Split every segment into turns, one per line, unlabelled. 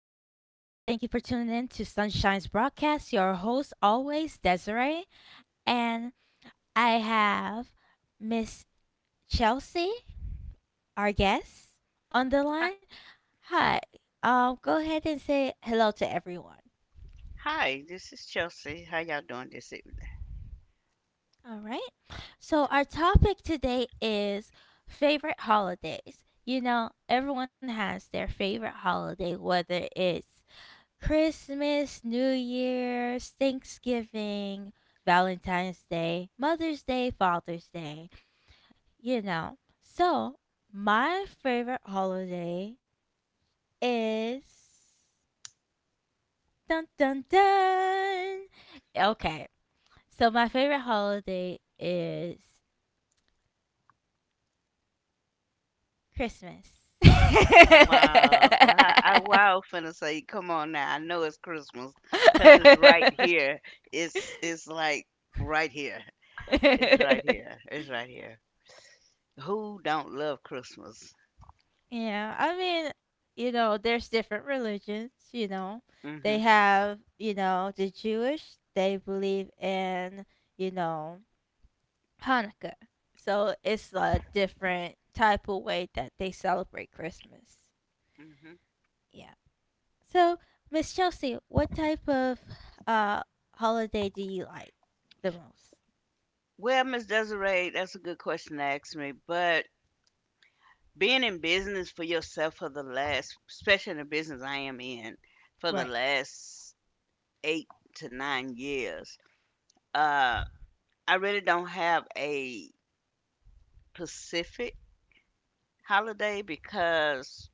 thank you for tuning in to Sunshine's broadcast. Your host, always Desiree, and I have Miss Chelsea, our guest, on the
Hi,
line. Hi. Go ahead and say hello to everyone.
hi, this is Chelsea. How y'all doing this evening?
All right. So our topic today is favorite holidays. Everyone has their favorite holiday, whether it's Christmas, New Year's, Thanksgiving, Valentine's Day, Mother's Day, Father's Day. So, my favorite holiday is dun dun dun. Okay. So, my favorite holiday is Christmas.
Wow. Well, I wow finna say, come on now. I know it's Christmas 'cause it's right here. It's like right here. It's right here. It's right here. Who don't love Christmas?
Yeah, I mean, there's different religions.
Mm-hmm.
They have, the Jewish, they believe in, you know, Hanukkah. So it's a different type of way that they celebrate Christmas.
Mm-hmm.
Yeah. So, Miss Chelsea, what type of uh holiday do you like the most?
Well, Miss Desiree, that's a good question to ask me. But being in business for yourself for the last, especially in the business I am in, for the
Right.
last 8 to 9 years, uh. I really don't have a Pacific holiday because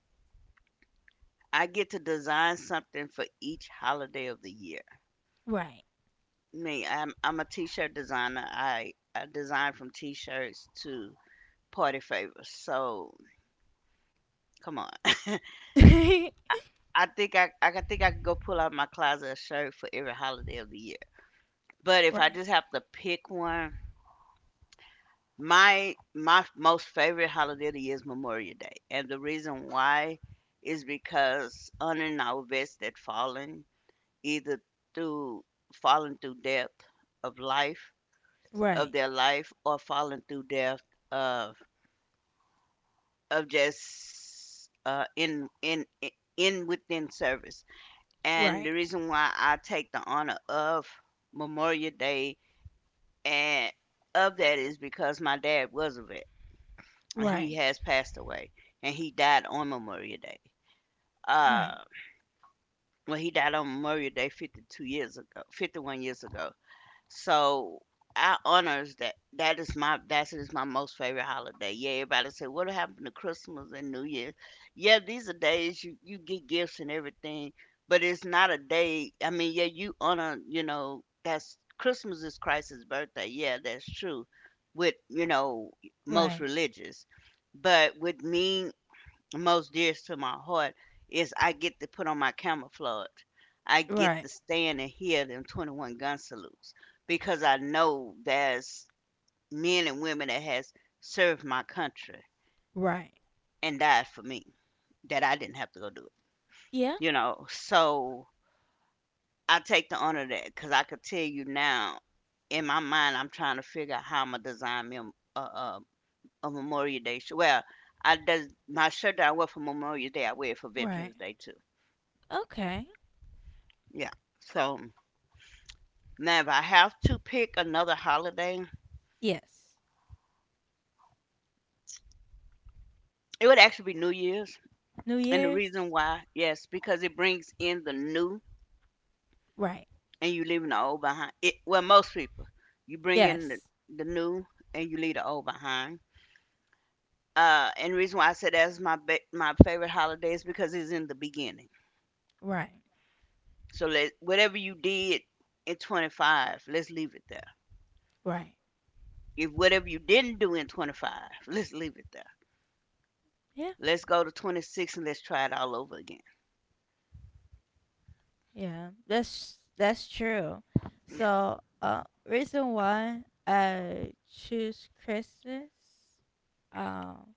I get to design something for each holiday of the year.
Right.
Me, I'm a t-shirt designer. I design from t-shirts to party favors. So come on, I think think I could go pull out my closet a shirt for every holiday of the year. But if
right.
I
Right.
just have to pick one, My most favorite holiday of the year is Memorial Day, and the reason why is because honoring our vets that fallen either through fallen through death of life of their life or fallen through death of of just in within service.
Right.
And the
Right.
reason why I take the honor of Memorial Day and of that is because my dad was a vet, he has passed away, and he died on Memorial Day.
Right.
Uh, well, he died on Memorial Day 52 years ago, 51 years ago. So our honors that. That is my, that is my most favorite holiday. Yeah, everybody said what happened to Christmas and New Year? Yeah, these are days you you get gifts and everything, but it's not a day. I mean, yeah, you honor, you know, that's Christmas is Christ's birthday. Yeah, that's true. With, you know, most
Right.
religious, but with me, most dearest to my heart is I get to put on my camouflage. I get to
Right.
stand and hear them 21 gun salutes because I know there's men and women that has served my country
Right.
and died for me that I didn't have to go do it.
Yeah.
You know, so I take the honor of that because I could tell you now in my mind I'm trying to figure out how I'm gonna design me a Memorial Day shirt. Well, I does my shirt that I wear for Memorial Day I wear it for
Right.
Veterans Day too.
Okay.
Yeah, so now, if I have to pick another holiday,
Yes.
it would actually be New Year's.
New
And the
Year's?
reason why, yes, because it brings in the new
Right.
and you leaving the old behind. It, well, most people, you bring in
Yes.
the new and you leave the old behind. And the reason why I said that's my my favorite holiday is because it's in the beginning.
Right.
So let whatever you did in 25, let's leave it there.
Right.
If whatever you didn't do in 25, let's leave it there.
Yeah.
Let's go to 26 and let's try it all over again.
Yeah. That's true.
Yeah,
So, reason why I choose Christmas um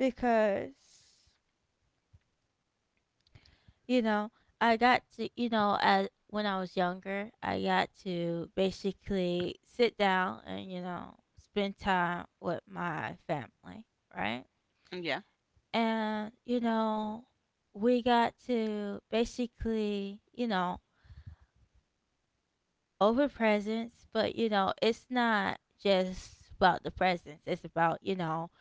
because you know, I got to, as when I was younger, I got to basically sit down and, spend time with my family, right?
yeah,
And we got to basically over presents, but it's not just about the presence, it's about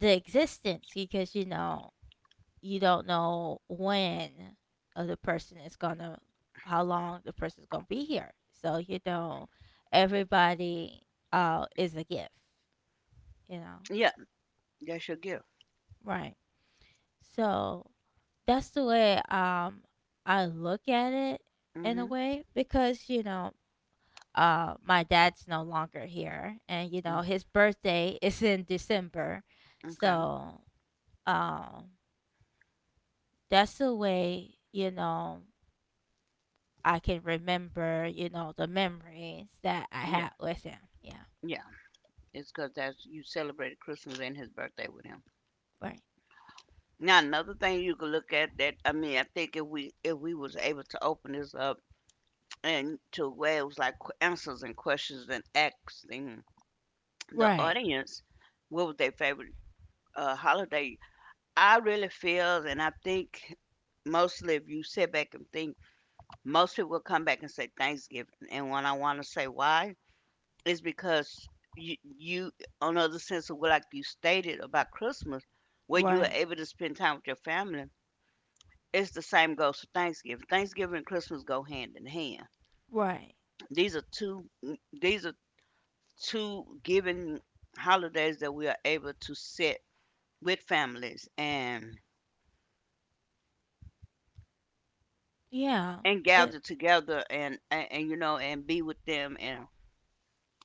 the existence, because you don't know when of the person is gonna, how long the person's gonna be here, so everybody is a gift, you know
yeah. That's your gift.
right. So that's the way I look at it in a
Mm-hmm.
way, because my dad's no longer here, and
Mm,
his birthday is in December.
okay.
So um that's the way I can remember the memories that I
Yeah.
had with him. Yeah.
Yeah. It's because that's, you celebrated Christmas and his birthday with him.
Right.
Now another thing you could look at that, I mean, I think if we was able to open this up and to where it was like answers and questions and asking the
Right.
audience what was their favorite holiday. I really feel and I think mostly if you sit back and think most people will come back and say Thanksgiving and when I want to say why is because you on the other sense of what, like you stated about Christmas, where you are
Right.
able to spend time with your family, it's the same goes for Thanksgiving. Thanksgiving and Christmas go hand in hand.
Right.
These are two these are two given holidays that we are able to sit with families
Yeah.
and gather
It
together and you know, and be with them and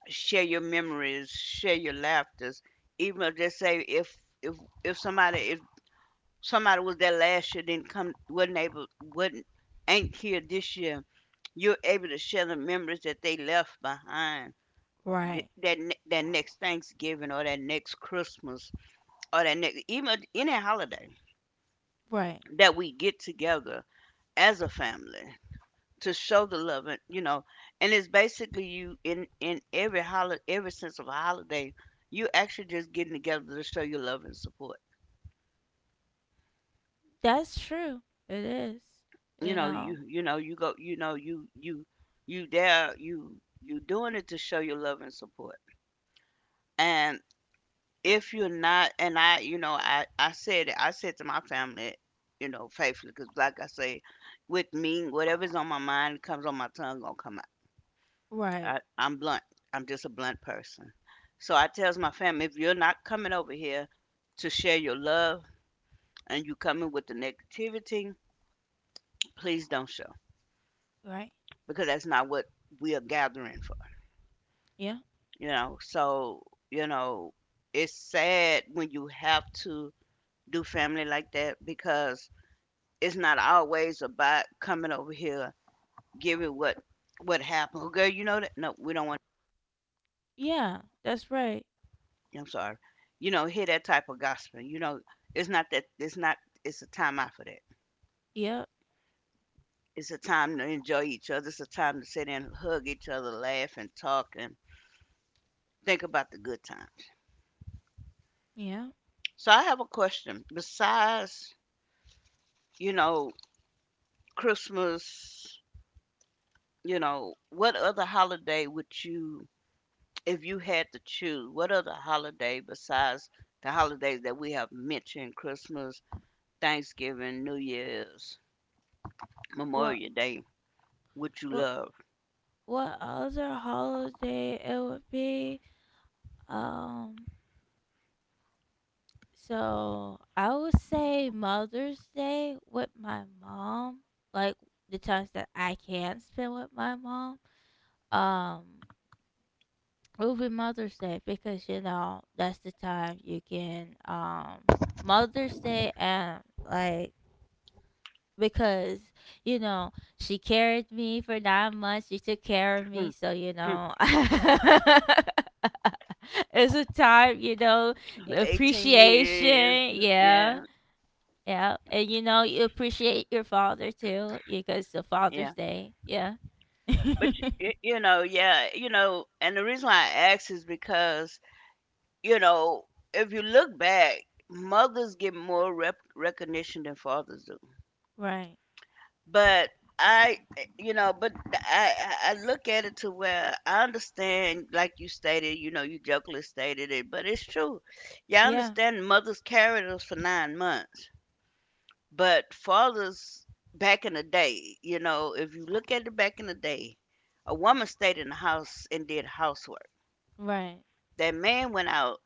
share your memories, share your laughters. Even if they say if if if somebody was there last year, didn't come, wasn't able, wasn't, ain't here this year, you're able to share the memories that they left behind. th-
right.
That ne- that next Thanksgiving or that next Christmas or that next even any holiday
Right.
that we get together as a family to show the love, and you know, and it's basically you in every holiday, every sense of a holiday, you actually just getting together to show your love and support.
That's true. It is.
You
You
know, you
know.
you know, you go, you know, you there, you doing it to show your love and support. And if you're not, and I said it, I said to my family, you know, faithfully, because like I say, with me, whatever's on my mind comes on my tongue gonna come out.
Right.
I'm blunt, I'm just a blunt person. So I tells my family, if you're not coming over here to share your love and you coming with the negativity, please don't show
Right.
because that's not what we are gathering,
Yeah.
you know. So, you know, it's sad when you have to do family like that because it's not always about coming over here giving what, happened, oh, girl, you know that, no, we don't want,
Yeah. That's right.
I'm sorry, you know, hear that type of gospel, you know, it's not that, it's not, it's a time out for that.
Yep.
It's a time to enjoy each other, it's a time to sit and hug each other, laugh and talk and think about the good times.
Yeah.
So I have a question, besides, you know, Christmas, you know, what other holiday would you, if you had to choose, what, other holiday besides the holidays that we have mentioned, Christmas, Thanksgiving, New Year's,
What
Memorial Day, would you
what
love?
what other holiday it would be? Um so I would say Mother's Day with my mom. Like the times that I can spend with my mom. Um it would be Mother's Day because you know, that's the time you can Mother's Day and like because you know she carried me for 9 months, she took care of
Hmm,
me, so you
hmm.
know it's a time you know
For 18 years,
appreciation yeah
yeah,
yeah and you know you appreciate your father too because the
yeah.
father's day yeah
But, you know, yeah, you know, and the reason why I ask is because, you know, if you look back, mothers get more recognition than fathers do.
right
But I, you know, but I, I look at it to where I understand, like you stated, you know, you jokingly stated it, but it's true. Yeah, I
yeah
understand mothers carried us for 9 months, but fathers back in the day, you know, if you look at it back in the day, a woman stayed in the house and did housework.
right
That man went out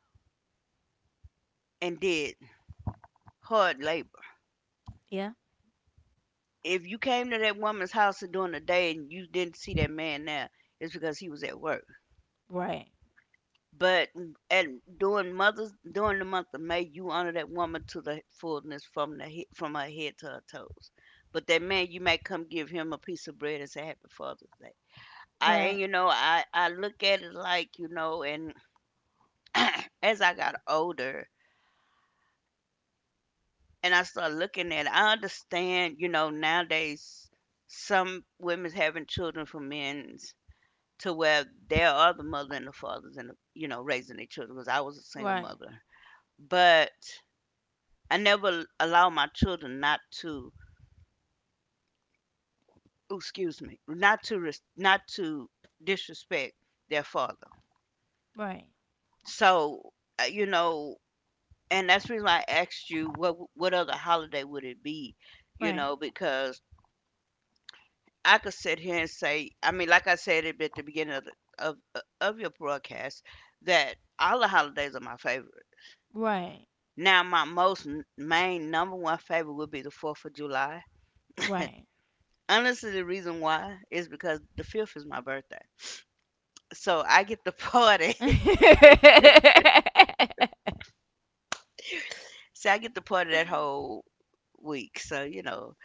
and did hard labor.
yeah
If you came to that woman's house during the day and you didn't see that man there, it's because he was at work.
right
But at during mothers, during the month of May, you honor that woman to the fullness, from the from her head to her toes. But that man, you might come give him a piece of bread and say Happy Father's Day. I, and
right
you know, I look at it like, you know, and as I got older and I started looking at it, I understand, you know, nowadays some women's having children for men's to where there are the mother and the fathers and the, you know, raising their children because I was a single
right
mother, but I never allow my children not to, oh, excuse me, not to disrespect their father.
right
So you know, and that's the reason why I asked you what other holiday would it be, you
right
know, because I could sit here and say, I mean, like I said at the beginning of the, of your broadcast, that all the holidays are my favorite.
right
Now, my most main number one favorite would be the Fourth of July. Honestly, the reason why is because the fifth is my birthday. So I get the party.
right
So I get to party that whole week. So you know,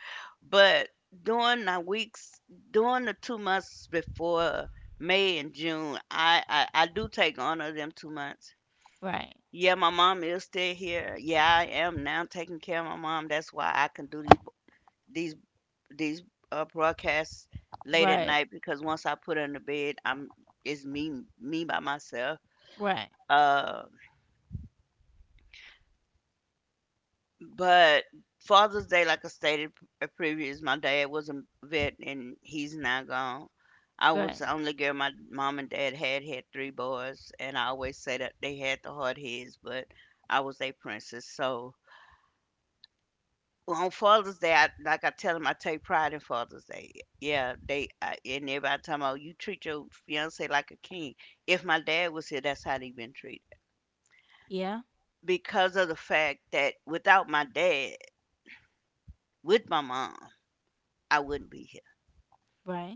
but during the weeks, during the 2 months before May and June, I do take honor of them 2 months.
Right.
Yeah, my mom is still here. Yeah, I am now taking care of my mom. That's why I can do these these these broadcasts late at
Right.
night because once I put her in the bed, I'm, it's me by myself.
Right.
Uh, But Father's Day, like I stated previous, my dad was a vet and he's now gone. I
Right.
was the only girl my mom and dad had, had three boys, and I always say that they had the hard heads, but I was their princess. So on Father's Day, I, like I tell them, I take pride in Father's Day. Yeah, they I, and everybody talking about you treat your fiance like a king. If my dad was here, that's how they been treated
Yeah.
because of the fact that without my dad, with my mom, I wouldn't be here.
Right.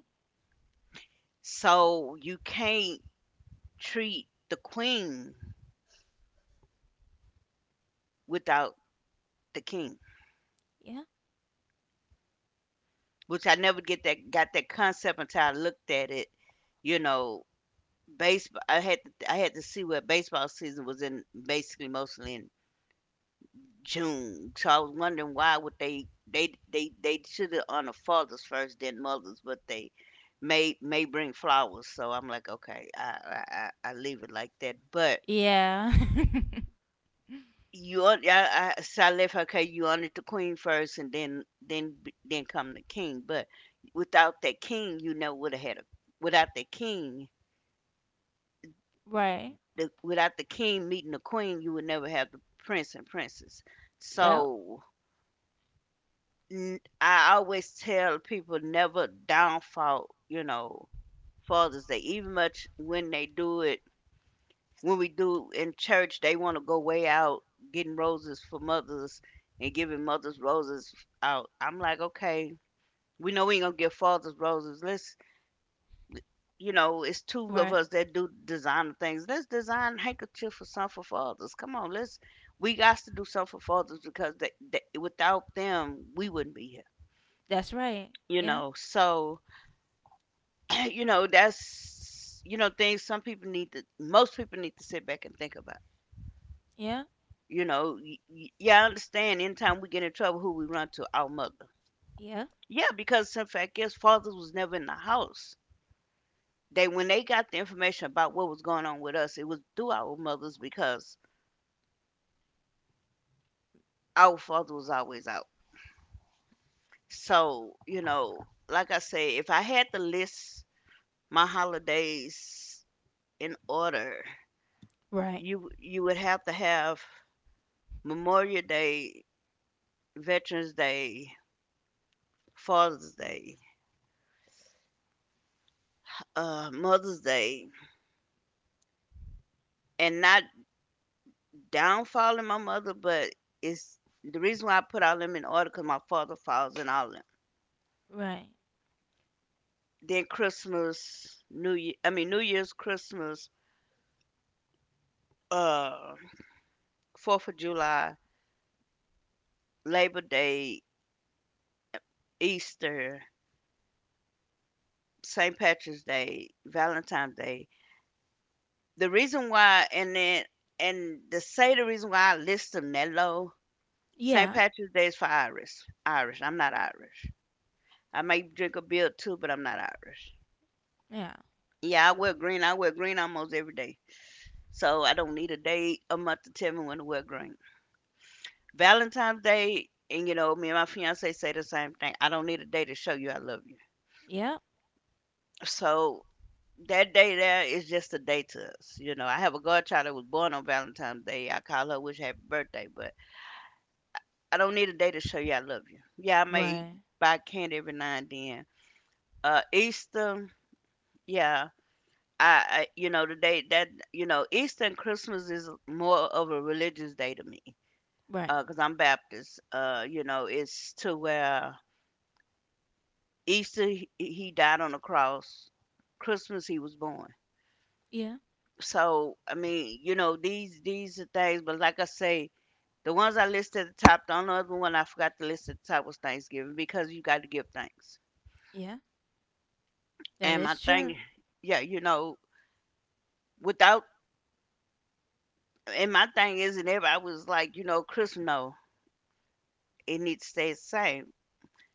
So you can't treat the queen without the king,
Yeah.
which I never get that got that concept until I looked at it. You know, baseball. I had to see where baseball season was in, basically mostly in June. So I was wondering why would they should have honored fathers first, then mothers, but they may bring flowers. So I'm like, okay, I leave it like that, but.
Yeah.
You're yeah, so I left her, okay, you honor the queen first and then then come the king. But without that king, you never would have had a without the king,
right.
the without the king meeting the queen, you would never have the prince and princess.
Yep.
So I always tell people never downfall, you know, fathers. They even much when they do it when we do in church, they want to go way out getting roses for mothers and giving mothers roses out. I'm like, okay, we know we ain't gonna give fathers roses. Let's, you know, it's two of
Right.
us that do designer things. Let's design handkerchief for some for fathers. Come on, let's. We got to do something for fathers because they, without them, we wouldn't be here.
That's right.
You
Yeah.
know, so you know that's things some people need to, most people need to sit back and think about.
Yeah.
You know, y y yeah, I understand anytime we get in trouble, who we run to? Our mother.
Yeah.
Yeah, because in fact, yes, fathers was never in the house. They when they got the information about what was going on with us, it was through our mothers because our father was always out. So, you know, like I say, if I had to list my holidays in order,
Right.
you would have to have Memorial Day, Veterans Day, Father's Day, Mother's Day, and not downfall in my mother, but it's the reason why I put all them in order because my father falls in all of them.
Right.
Then Christmas, New Year, I mean New Year's, Christmas, uh, 4th of July, Labor Day, Easter, St. Patrick's Day, Valentine's Day. The reason why, and then and to say the reason why I list them that low, St.
Yeah.
Patrick's Day is for Irish. Irish. I'm not Irish. I may drink a beer too, but I'm not Irish.
Yeah.
Yeah, I wear green. I wear green almost every day. So I don't need a day a month to tell me when to wear green. Valentine's Day, and you know, me and my fiance say the same thing. I don't need a day to show you I love you.
Yeah.
So that day there is just a day to us. You know, I have a godchild that was born on Valentine's Day. I call her wish her happy birthday, but I don't need a day to show you I love you. Yeah, I may
Right.
buy candy every now and then. Easter, yeah. You know, the day that, you know, Easter and Christmas is more of a religious day to me,
Right.
because 'cause I'm Baptist, you know, it's to where Easter he died on the cross, Christmas he was born.
Yeah.
So I mean, you know, these are things, but like I say, the ones I listed at the top, the only other one I forgot to list at the top was Thanksgiving because you got to give thanks.
Yeah.
And
That
my
is
thing,
true.
yeah, you know, without and my thing isn't ever I was like, you know, Christmas, no, it needs to stay the same.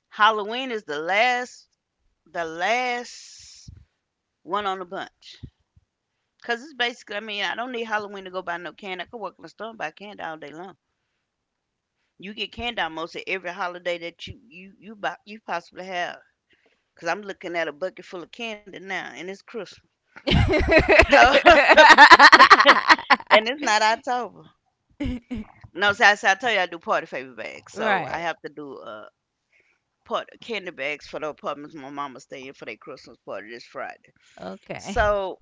Halloween is the last one on the bunch. Cause it's basically, I mean, I don't need Halloween to go buy no candy. I could walk in the store and buy candy all day long. You get candy almost at every holiday that you buy, you possibly have. Cause I'm looking at a bucket full of candy now, and it's Christmas. So, and it's not October. No, so I tell you, I do party favor bags. So I
right.
have to do part candy bags for the apartments my mama stay in for their Christmas party this Friday.
Okay.
So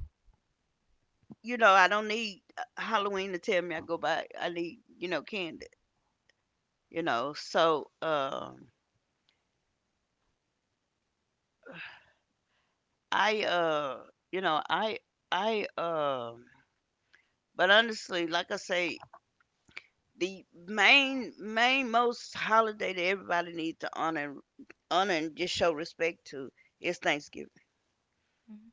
you know, I don't need Halloween to tell me I go buy. I need you know candy. You know, so I, uh, you know, I, um, but honestly, like I say, the main, main most holiday that everybody needs to honor, honor and just show respect to is Thanksgiving.
Mhm.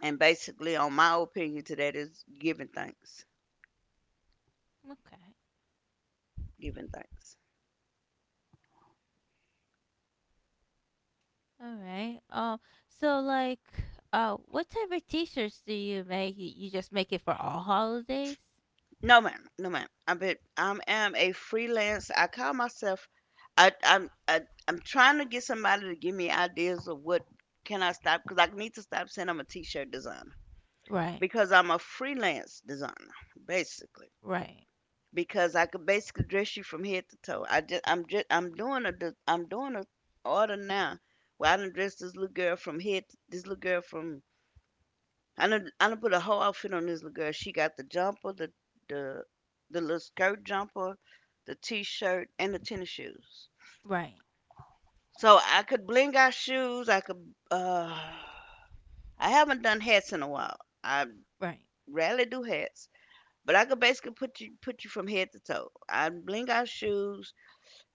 And basically, on my opinion to that is giving thanks,
Okay.
giving thanks.
All right. So, like, what type of T-shirts do you make? You just make it for all holidays?
No, ma'am, no, ma'am. I bet am a freelance. I call myself. I, I'm, I, I'm trying to get somebody to give me ideas of what can I stop because I need to stop saying I'm a t-shirt designer,
Right.
because I'm a freelance designer, basically.
Right.
Because I could basically dress you from head to toe. I just I'm doing a, am doing a order now where I done dress this little girl from head to, this little girl from I done put a whole outfit on this little girl. She got the jumper, the the little skirt jumper, the t-shirt, and the tennis shoes.
Right.
So I could bling out shoes. I could uh I haven't done hats in a while. I
Right.
rarely do hats. But I could basically put you from head to toe. I bling out shoes.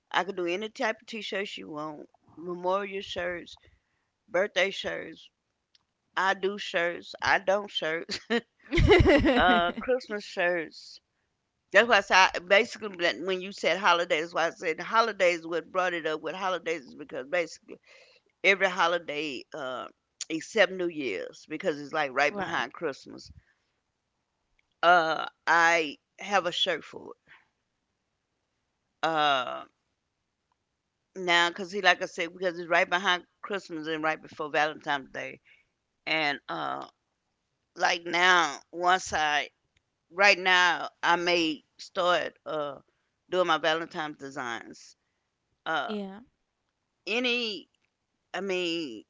I could do any type of t-shirts you want. Memorial shirts, birthday shirts. I do shirts. I don't shirts. Christmas shirts. That's why I said basically when you said holidays, why I said holidays. What brought it up with holidays is because basically every holiday, except New Year's, because it's like right
right.
behind Christmas. I have a shirt for it. Uh Now, cause he, like I said, because it's right behind Christmas and right before Valentine's Day, and like now, once I right now I may start doing my Valentine's designs. Uh,
Yeah.
any, I mean,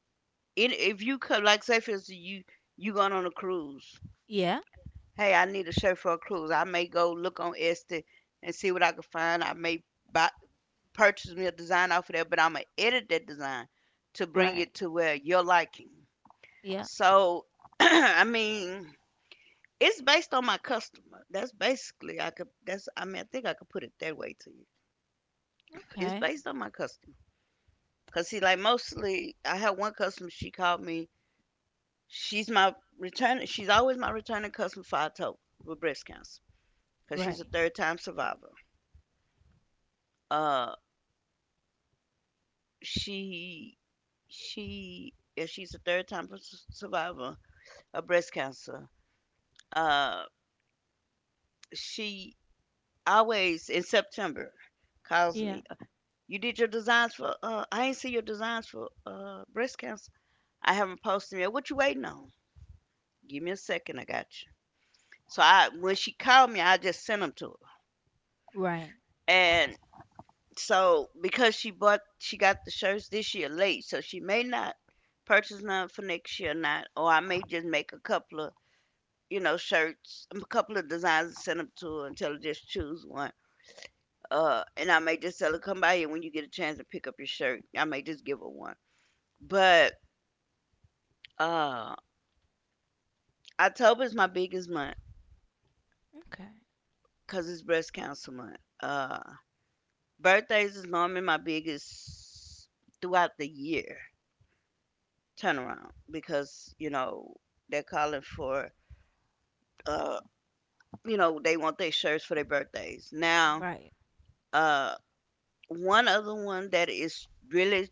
any, if you could, like, say for instance, you going on a cruise.
Yeah.
Hey, I need a shirt for a cruise. I may go look on Etsy and see what I can find. I may buy purchase me a design off of there, but I'm gonna edit that design to bring
Right.
it to where your liking.
Yeah.
So, I mean, it's based on my customer. That's basically I could. That's I mean, I think I could put it that way to you. It's
Okay.
based on my customer. Cause see, like mostly, I had one customer. She called me. She's my return. She's always my returning customer for October with breast cancer. Cause she's
Right.
a third time survivor. Uh, she she yeah, she's a third time survivor of breast cancer. Uh, she always in September calls
Yeah.
me. You did your designs for I ain't see your designs for breast cancer. I haven't posted them yet. What you waiting on? Give me a second, I got you. So I when she called me, I just sent them to her.
Right.
And so because she got the shirts this year late, so she may not purchase none for next year or not, or I may just make a couple of, you know, shirts, a couple of designs and send them to her and tell her just choose one. And I may just tell her come by here when you get a chance to pick up your shirt. I may just give her one. But um October is my biggest month
Okay.
because it's breast cancer month. Uh, birthdays is normally my biggest throughout the year turnaround because you know they're calling for uh you know they want their shirts for their birthdays. Now
Right.
uh one other one that is really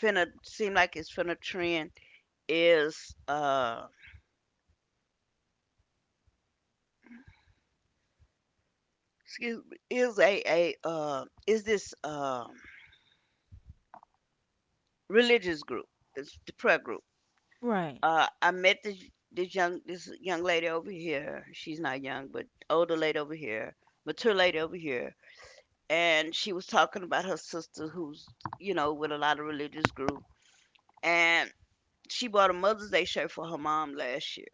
finna seem like it's finna trend is excuse me is a is this religious group, it's the prayer group.
Right.
I met this young lady over here. She's not young, but older lady over here, mature lady over here, and she was talking about her sister who's you know with a lot of religious group, and she bought a Mother's Day shirt for her mom last year,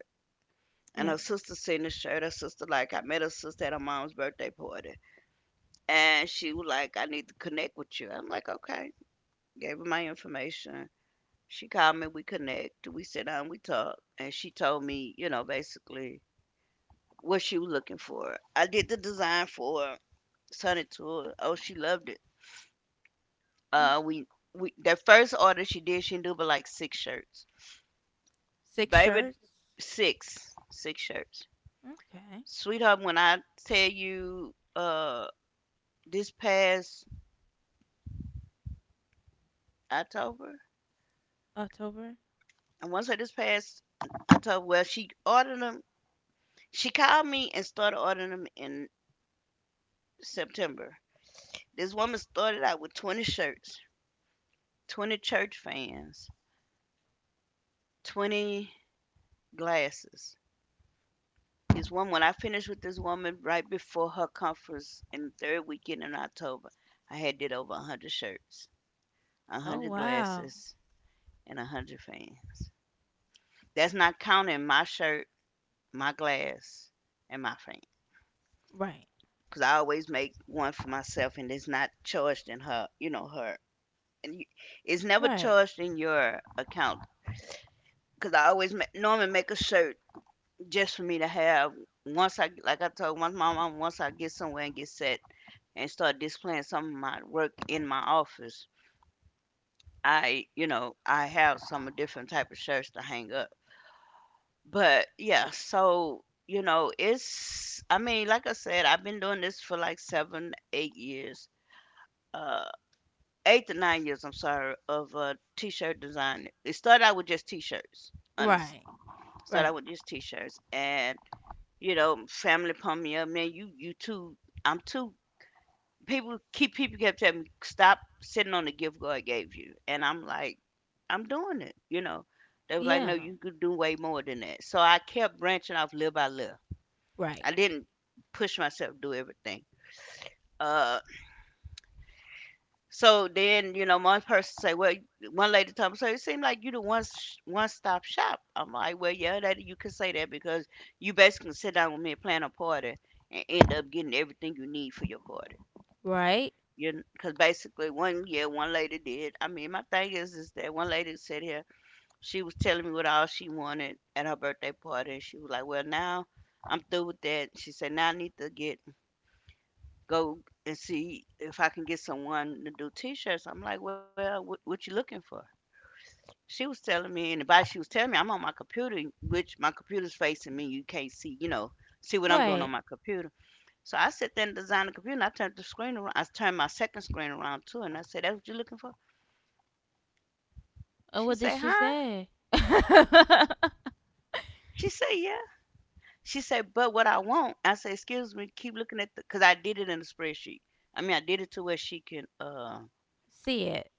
and her
Right.
sister seen the shirt. Her sister like I met her sister at her mom's birthday party, and she was like I need to connect with you. I'm like okay, gave her my information. She called me, we connect, we sit down, we talk, and she told me you know basically what she was looking for. I did the design for her, sent it to her. Oh, she loved it.
Yeah.
Uh, we we that first order she did, she knew but like six shirts,
Six
baby,
shirts.
six shirts.
Okay.
Sweetheart, when I tell you, this past October,
October.
I want to say this past October, well, she ordered them. She called me and started ordering them in September. This woman started out with 20 shirts, 20 church fans, 20 glasses. This one, when I finished with this woman right before her conference in the third weekend in October, I had did over a 100 shirts, a
Oh
100
wow.
glasses, and a 100 fans. That's not counting my shirt, my glass, and my fan.
Right.
Because I always make one for myself and it's not charged in her, her. And you, it's never
Right.
charged in your account. Because I always ma- normally make a shirt just for me to have once I, like I told once my mom, once I get somewhere and get set, and start displaying some of my work in my office, I, I have some different type of shirts to hang up. But yeah, so you know, it's I mean, like I said, I've been doing this for like seven, 8 years. Uh, 8 to 9 years, I'm sorry, of t-shirt design. It started out with just t-shirts, honestly.
Right.
Started
Right.
out with just t-shirts, and you know, family pumped me up, man. You too. I'm too people keep people kept telling me stop sitting on the gift God gave you, and I'm like, I'm doing it. You know, they was like,
Yeah.
no, you could do way more than that. So I kept branching off little by little.
Right.
I didn't push myself to do everything. Uh, so then you know, one person say, well, one lady told me, so it seemed like you the one one stop shop. I'm like, well, yeah, that you could say that because you basically can sit down with me and plan a party and end up getting everything you need for your party.
Right?
You because basically one year one lady did. I mean, my thing is that one lady said here she was telling me what all she wanted at her birthday party. She was like, "Well, now I'm through with that." She said, "Now I need to get go and see if I can get someone to do t-shirts." I'm like, "Well, what you looking for?" She was telling me, and the by she was telling me, I'm on my computer, which my computer's facing me. You can't see, you know, see what I'm doing on
Right.
my computer. So I sat there and designed the computer, and I turned the screen around. I turned my second screen around too, and I said, "That's what you're looking for."
And
She
what did
say,
she
huh?
say?
She say, yeah. She said, but what I want, I say, excuse me, keep looking at the, cause I did it in the spreadsheet. I mean, I did it to where she can,
See it.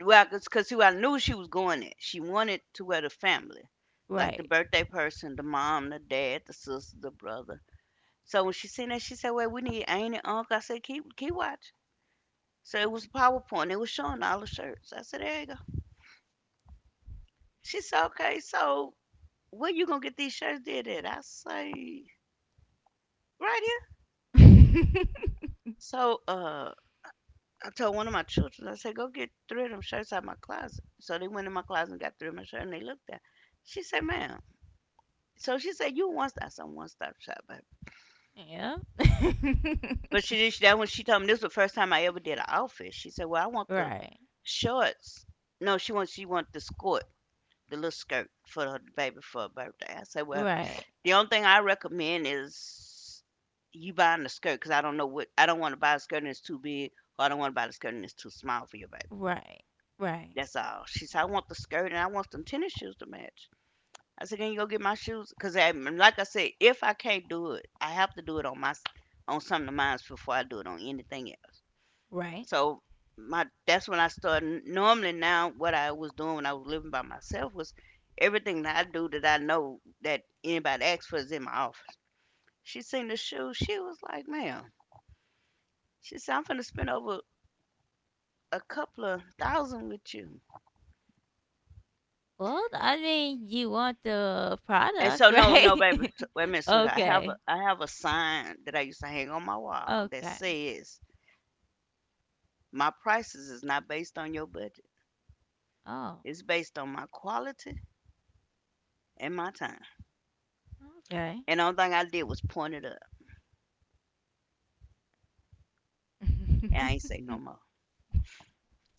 well, cause, who I knew she was going at. She wanted to where the family, like the
Right.
birthday person, the mom, the dad, the sister, the brother. So when she seen that, she said, well, we need aunt and uncle. I said, keep, keep watching. So it was PowerPoint. It was showing all the shirts. I said, there you go. She said, okay, so where you gonna get these shirts did at? I say, right here.
yeah.
So, I told one of my children, I said, go get three of them shirts out of my closet. So they went in my closet and got three of my shirts and they looked at. She said, ma'am. So she said, you one stop, some one stop shop, baby. But she did that when she told me this was the first time I ever did an outfit. She said, well, I want the
right.
shorts. No, she wants she want the skirt, the little skirt for her baby for her birthday. I said, well,
Right.
the only thing I recommend is you buying the skirt because I don't know what I don't want to buy a skirt and it's too big, or I don't want to buy the skirt and it's too small for your baby.
Right. Right.
That's all. She said, I want the skirt and I want them tennis shoes to match. I said, can you go get my shoes? Because, like I said, if I can't do it, I have to do it on my on something of mine before I do it on anything else.
Right.
So my that's when I started. Normally now, what I was doing when I was living by myself was everything that I do that I know that anybody asks for is in my office. She seen the shoes. She was like, "Ma'am," she said, "I'm finna spend over a couple of thousand with you."
Well, I mean, you want the
And
product,
so no, no,
right?
baby, s- wait a minute, sweetheart.
okay.
I have a sign that I used to hang on my wall that
Okay.
says my prices is not based on your budget.
Oh,
It's based on my quality and my time.
okay.
And the only thing I did was point it up. And I ain't say no more.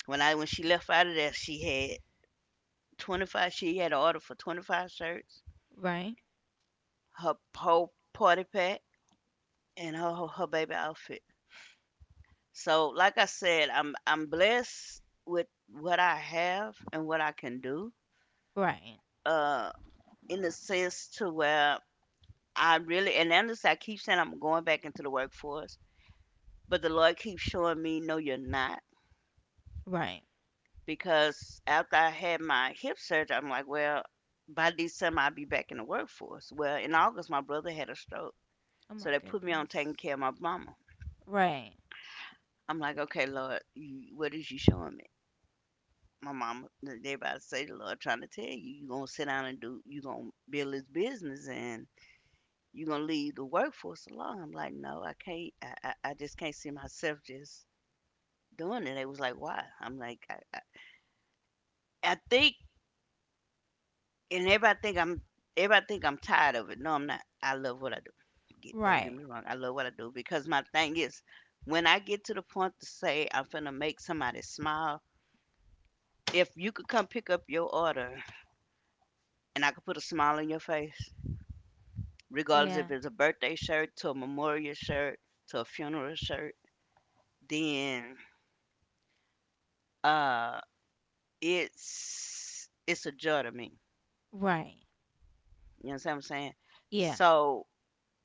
When she left out of there, she had 25 she had an order for 25 shirts,
right.
her whole party pack, and her baby outfit. So like I said, I'm blessed with what I have and what I can do.
Right.
Uh. In a sense to where I really and honestly I keep saying I'm going back into the workforce, but the Lord keeps showing me no you're not
Right.
because after I had my hip surgery I'm like, well, by December I'll be back in the workforce. Well, in August my brother had a stroke.
Oh
So
my
they put me on taking
goodness.
care of my mama.
Right.
I'm like, okay, Lord, you, what is you showing me? My mama, everybody say the Lord trying to tell you, you gonna sit down and do, you gonna build this business and you gonna leave the workforce alone. I'm like, no, I can't. I just can't see myself just doing it. They was like, why? I'm like, I think, and everybody think I'm tired of it. No, I'm not. I love what I do. Get, don't get
Right.
me wrong. I love what I do because my thing is, when I get to the point to say I'm finna make somebody smile, if you could come pick up your order and I could put a smile on your face, regardless if
Yeah.
it's a birthday shirt to a memorial shirt to a funeral shirt, then uh it's a joy to me.
Right.
You know what I'm saying?
Yeah.
So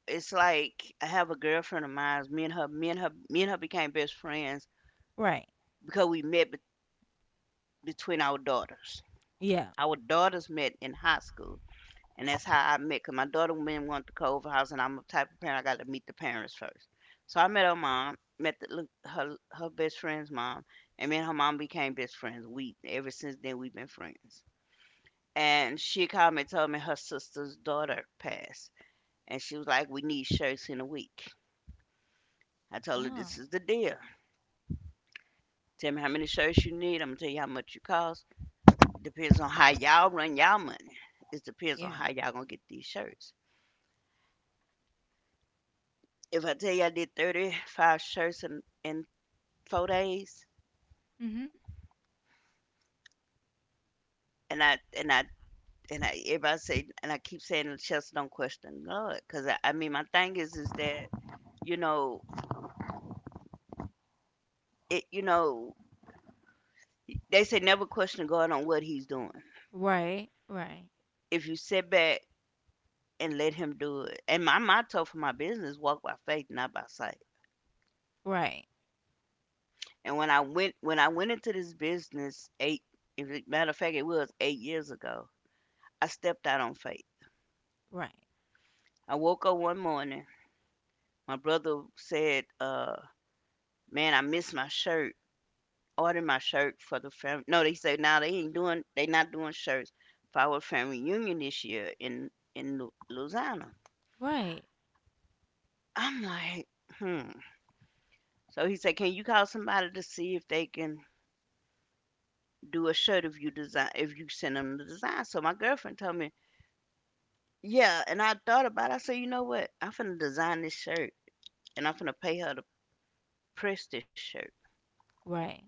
it's like I have a girlfriend of mine. Me and her became best friends
Right.
because we met bet between our daughters.
Yeah.
Our daughters met in high school, and that's how I met. Cause my daughter went to Culver House, and I'm a type of parent I got to meet the parents first. So I met her mom, met the, look- her best friend's mom, and me and her mom became best friends. We ever since then we've been friends. And she called me and told me her sister's daughter passed, and she was like, "We need shirts in a week." I told her,
Oh.
"This is the deal. Tell me how many shirts you need. I'm gonna tell you how much you cost. Depends on how y'all run y'all money. It depends on
Yeah.
how y'all gonna get these shirts. If I tell you I did 35 shirts in 4 days,
Mhm.
and I everybody say and I keep saying, Chelsea, don't question God, because I mean my thing is that you know you know they say never question God on what He's doing.
Right. Right.
If you sit back and let him do it. And my motto for my business walk by faith, not by sight.
Right.
And when I went into this business eight if it, matter of fact it was 8 years ago, I stepped out on faith.
Right.
I woke up one morning, my brother said, man, I missed my shirt. Ordered my shirt for the family. No, they said now nah, they ain't doing they not doing shirts for our family reunion this year in Lu- Louisiana.
Right.
I'm like, hmm. So he said, can you call somebody to see if they can do a shirt if you design if you send them the design. So my girlfriend told me, yeah, and I thought about it. I said, you know what? I'm finna design this shirt and I'm finna pay her to press this shirt.
Right.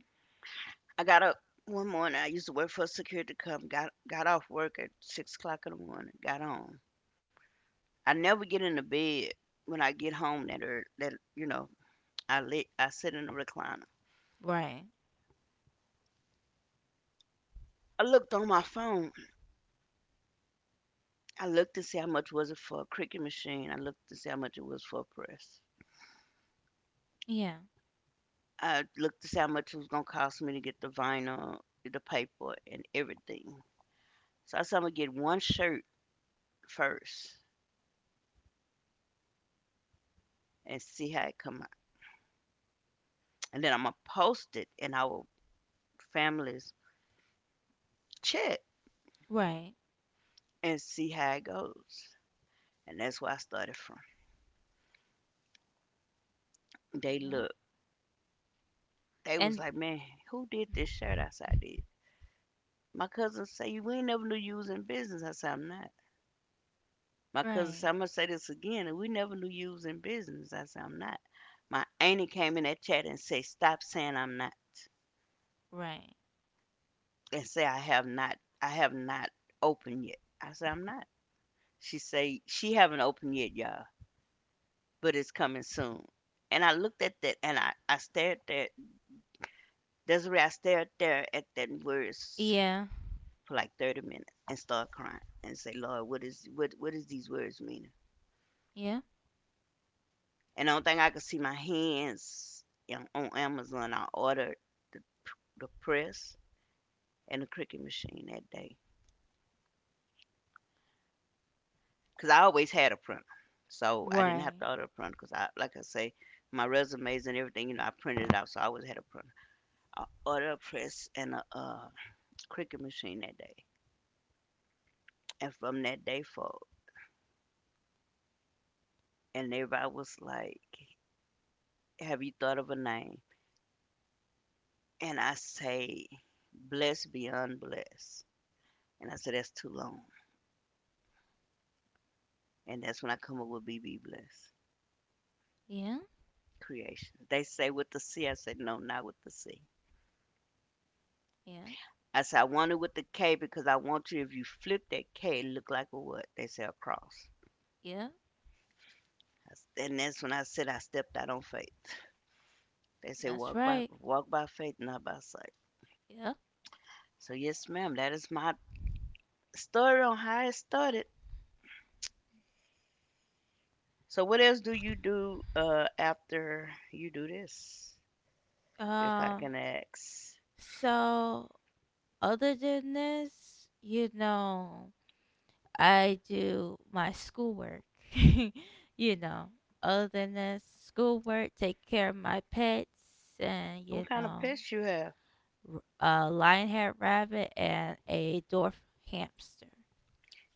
I got up one morning. I used to work for a security company. Got off work at 6 o'clock in the morning. Got on. I never get into bed when I get home that early. That you know, I lit. I sit in the recliner.
Right.
I looked on my phone. I looked to see how much was it for a cricut machine. I looked to see how much it was for a press.
Yeah.
I looked to see how much it was gonna cost me to get the vinyl, the paper, and everything. So I said I'm gonna get one shirt first and see how it come out, and then I'm gonna post it in our family's chat
Right.
and see how it goes. And that's where I started from. They
Yeah.
looked. They was
And
like, man, who did this shirt? I said I did. My cousin say we ain't never knew you was in business. I said I'm not. My cousin
right.
said, I'm gonna say this again, and we never knew you was in business. I said, I'm not. My auntie came in that chat and said, stop saying I'm not
Right.
and say I have not. I have not opened yet. I said, I'm not. She say she haven't opened yet, y'all, but it's coming soon. And I looked at that and I stared there, Desiree, I stared there at that words
Yeah.
for like 30 minutes and started crying and say, Lord, what is what is these words mean?
Yeah.
And the only thing I could see my hands in on Amazon, I ordered the p the press and the Cricut machine that day, cause I always had a printer. So, I didn't have
Right.
to order a printer, cause I like I say, my resumes and everything, you know, I printed it out, so I always had a printer. I ordered a press and a, Cricut machine that day, and from that day forward, and everybody was like, "Have you thought of a name?" And I say, "Blessed Beyond Blessed." And I said, "That's too long." And that's when I come up with BB Bless
Yeah.
Creation. They say with the C. I said, no, not with the C.
Yeah.
I said, I want it with the K because I want you, if you flip that K, it look like a what? They say a cross.
Yeah.
And that's when I said I stepped out on faith. They say
That's right.
walk by faith, not by sight.
Yeah.
So yes, ma'am, that is my story on how it started. So what else do you do after you do this? If I
Uh.
can ask,
So other than this, you know. I do my schoolwork. You know, other than that, schoolwork, take care of my pets, and
what
you
kind of
know,
pets you have?
r- a lionhead rabbit and a dwarf hamster.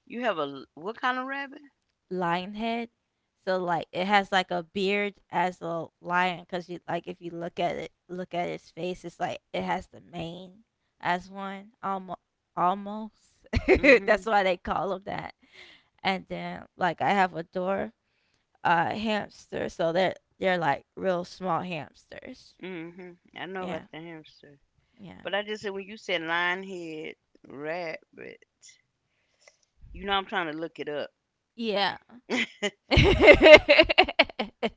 You have a what kind of rabbit?
Lion head, so like it has like a beard as a lion, cause you like if you look at it, look at its face, it's like it has the mane as one, almost, almost. That's
Mm-hmm.
why they call them that. And then like I have a dwarf hamster, so they're like real small hamsters.
Hmm. I know about
Yeah,
the hamster. But like I just said, when you said lion head rabbit, you know I'm trying to look it up.
yeah, yeah.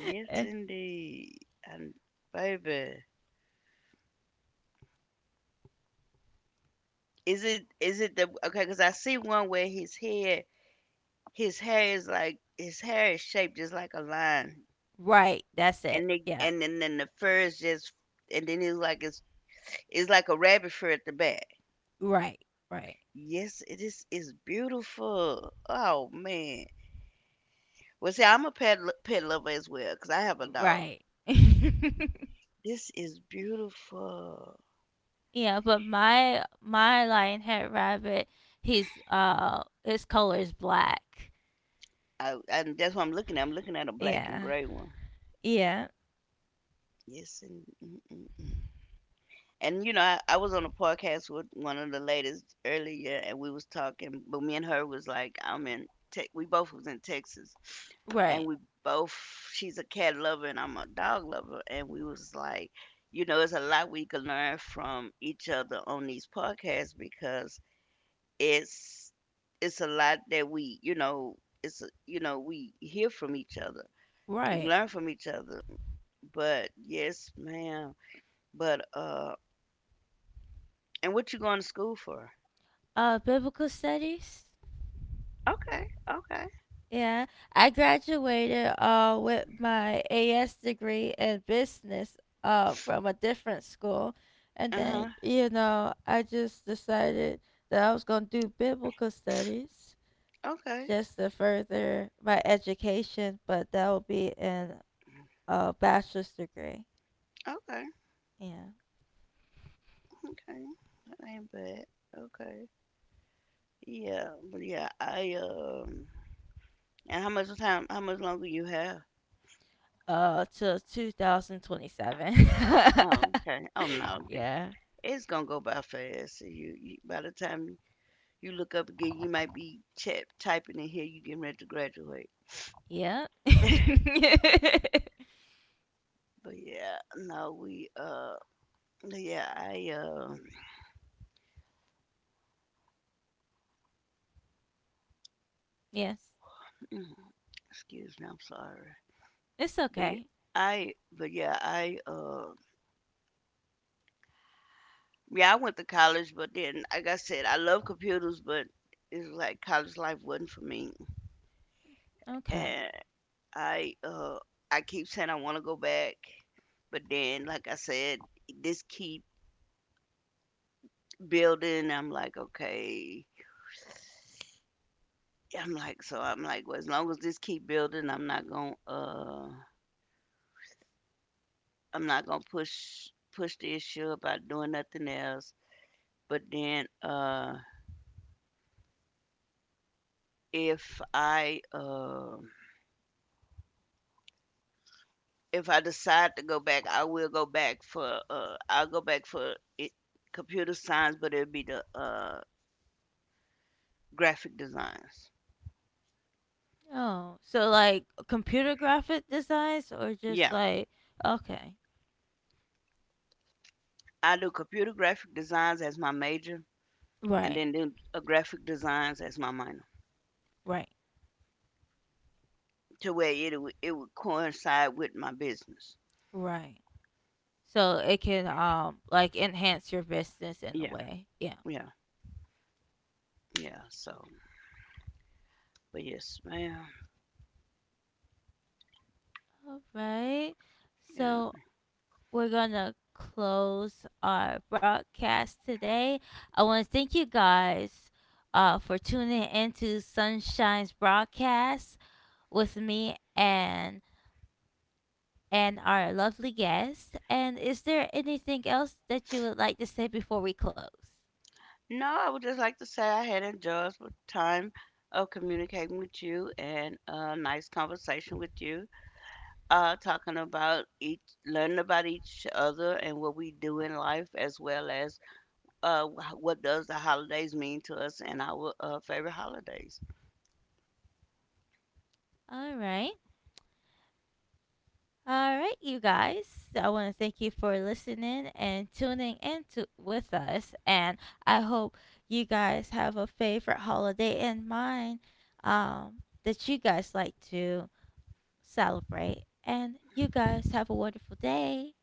Yes, indeed. And baby, is it the okay? Because I see one where his head, his hair is like, his hair is shaped just like a lion,
right, that's it.
and they,
Yeah,
and then the fur is just, and then it's like it's like a rabbit fur at the back.
right, right,
Yes, it is. It's beautiful. Oh man. Well, see, I'm a pet lover as well because I have a dog.
right.
This is beautiful.
yeah, but my lionhead rabbit, he's his color is black.
And that's what I'm looking at. I'm looking at a black and
Yeah,
gray one.
yeah,
Yes, and And you know, I was on a podcast with one of the ladies earlier, and we was talking. But me and her was like, I'm in. We both was in Texas, and
right,
we both. She's a cat lover, and I'm a dog lover, and we was like, you know, it's a lot we can learn from each other on these podcasts because it's it's a lot that we, you know, you know, we hear from each other,
right.
learn from each other. But yes, ma'am. But and what you going to school for?
Biblical studies.
Okay, okay.
Yeah, I graduated with my AS degree in business from a different school, and then
Uh-huh.
you know I just decided that I was gonna do biblical studies
Okay,
just to further my education, but that will be in a bachelor's degree.
okay,
Yeah,
okay. That ain't bad. Okay. Yeah, but yeah, I and how much time, how much longer you have?
till 2027.
Oh, okay. Oh no,
Yeah,
it's gonna go by fast. You by the time you look up again, you might be chat typing in here. You getting ready to graduate.
yeah,
But yeah, no, we yeah, I
yes,
excuse me, I'm sorry.
it's
But yeah,
okay.
but yeah, I went to college, but then, like I said, I love computers, but it's like college life wasn't for me,
Okay.
and I uh, I keep saying I want to go back, but then, like I said, this keep building. I'm like, okay, I'm like, so I'm like, well, as long as this keep building, I'm not gonna push the issue about doing nothing else. But then if I uh, if I decide to go back, I will go back for I'll go back for it, computer science, but it'll be the graphic designs.
Oh, so like computer graphic designs or
Yeah,
just like okay.
I do computer graphic designs as my major, and
Right.
then do graphic designs as my minor,
Right.
to where it would coincide with my business.
Right. So it can like enhance your business in a
Yeah,
way. Yeah.
yeah, yeah. So, but yes, ma'am.
All right.
Yeah.
So we're going to close our broadcast today. I want to thank you guys for tuning into Sunshine's broadcast with me and our lovely guest. And is there anything else that you would like to say before we close?
No, I would just like to say I had enjoyed the time of communicating with you and a nice conversation with you, talking about each, learning about each other and what we do in life, as well as what does the holidays mean to us and our favorite holidays.
All right. All right, you guys. So I want to thank you for listening and tuning in to, with us. And I hope you guys have a favorite holiday in mind, that you guys like to celebrate. And you guys have a wonderful day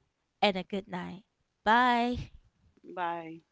and a good night. Bye.
Bye.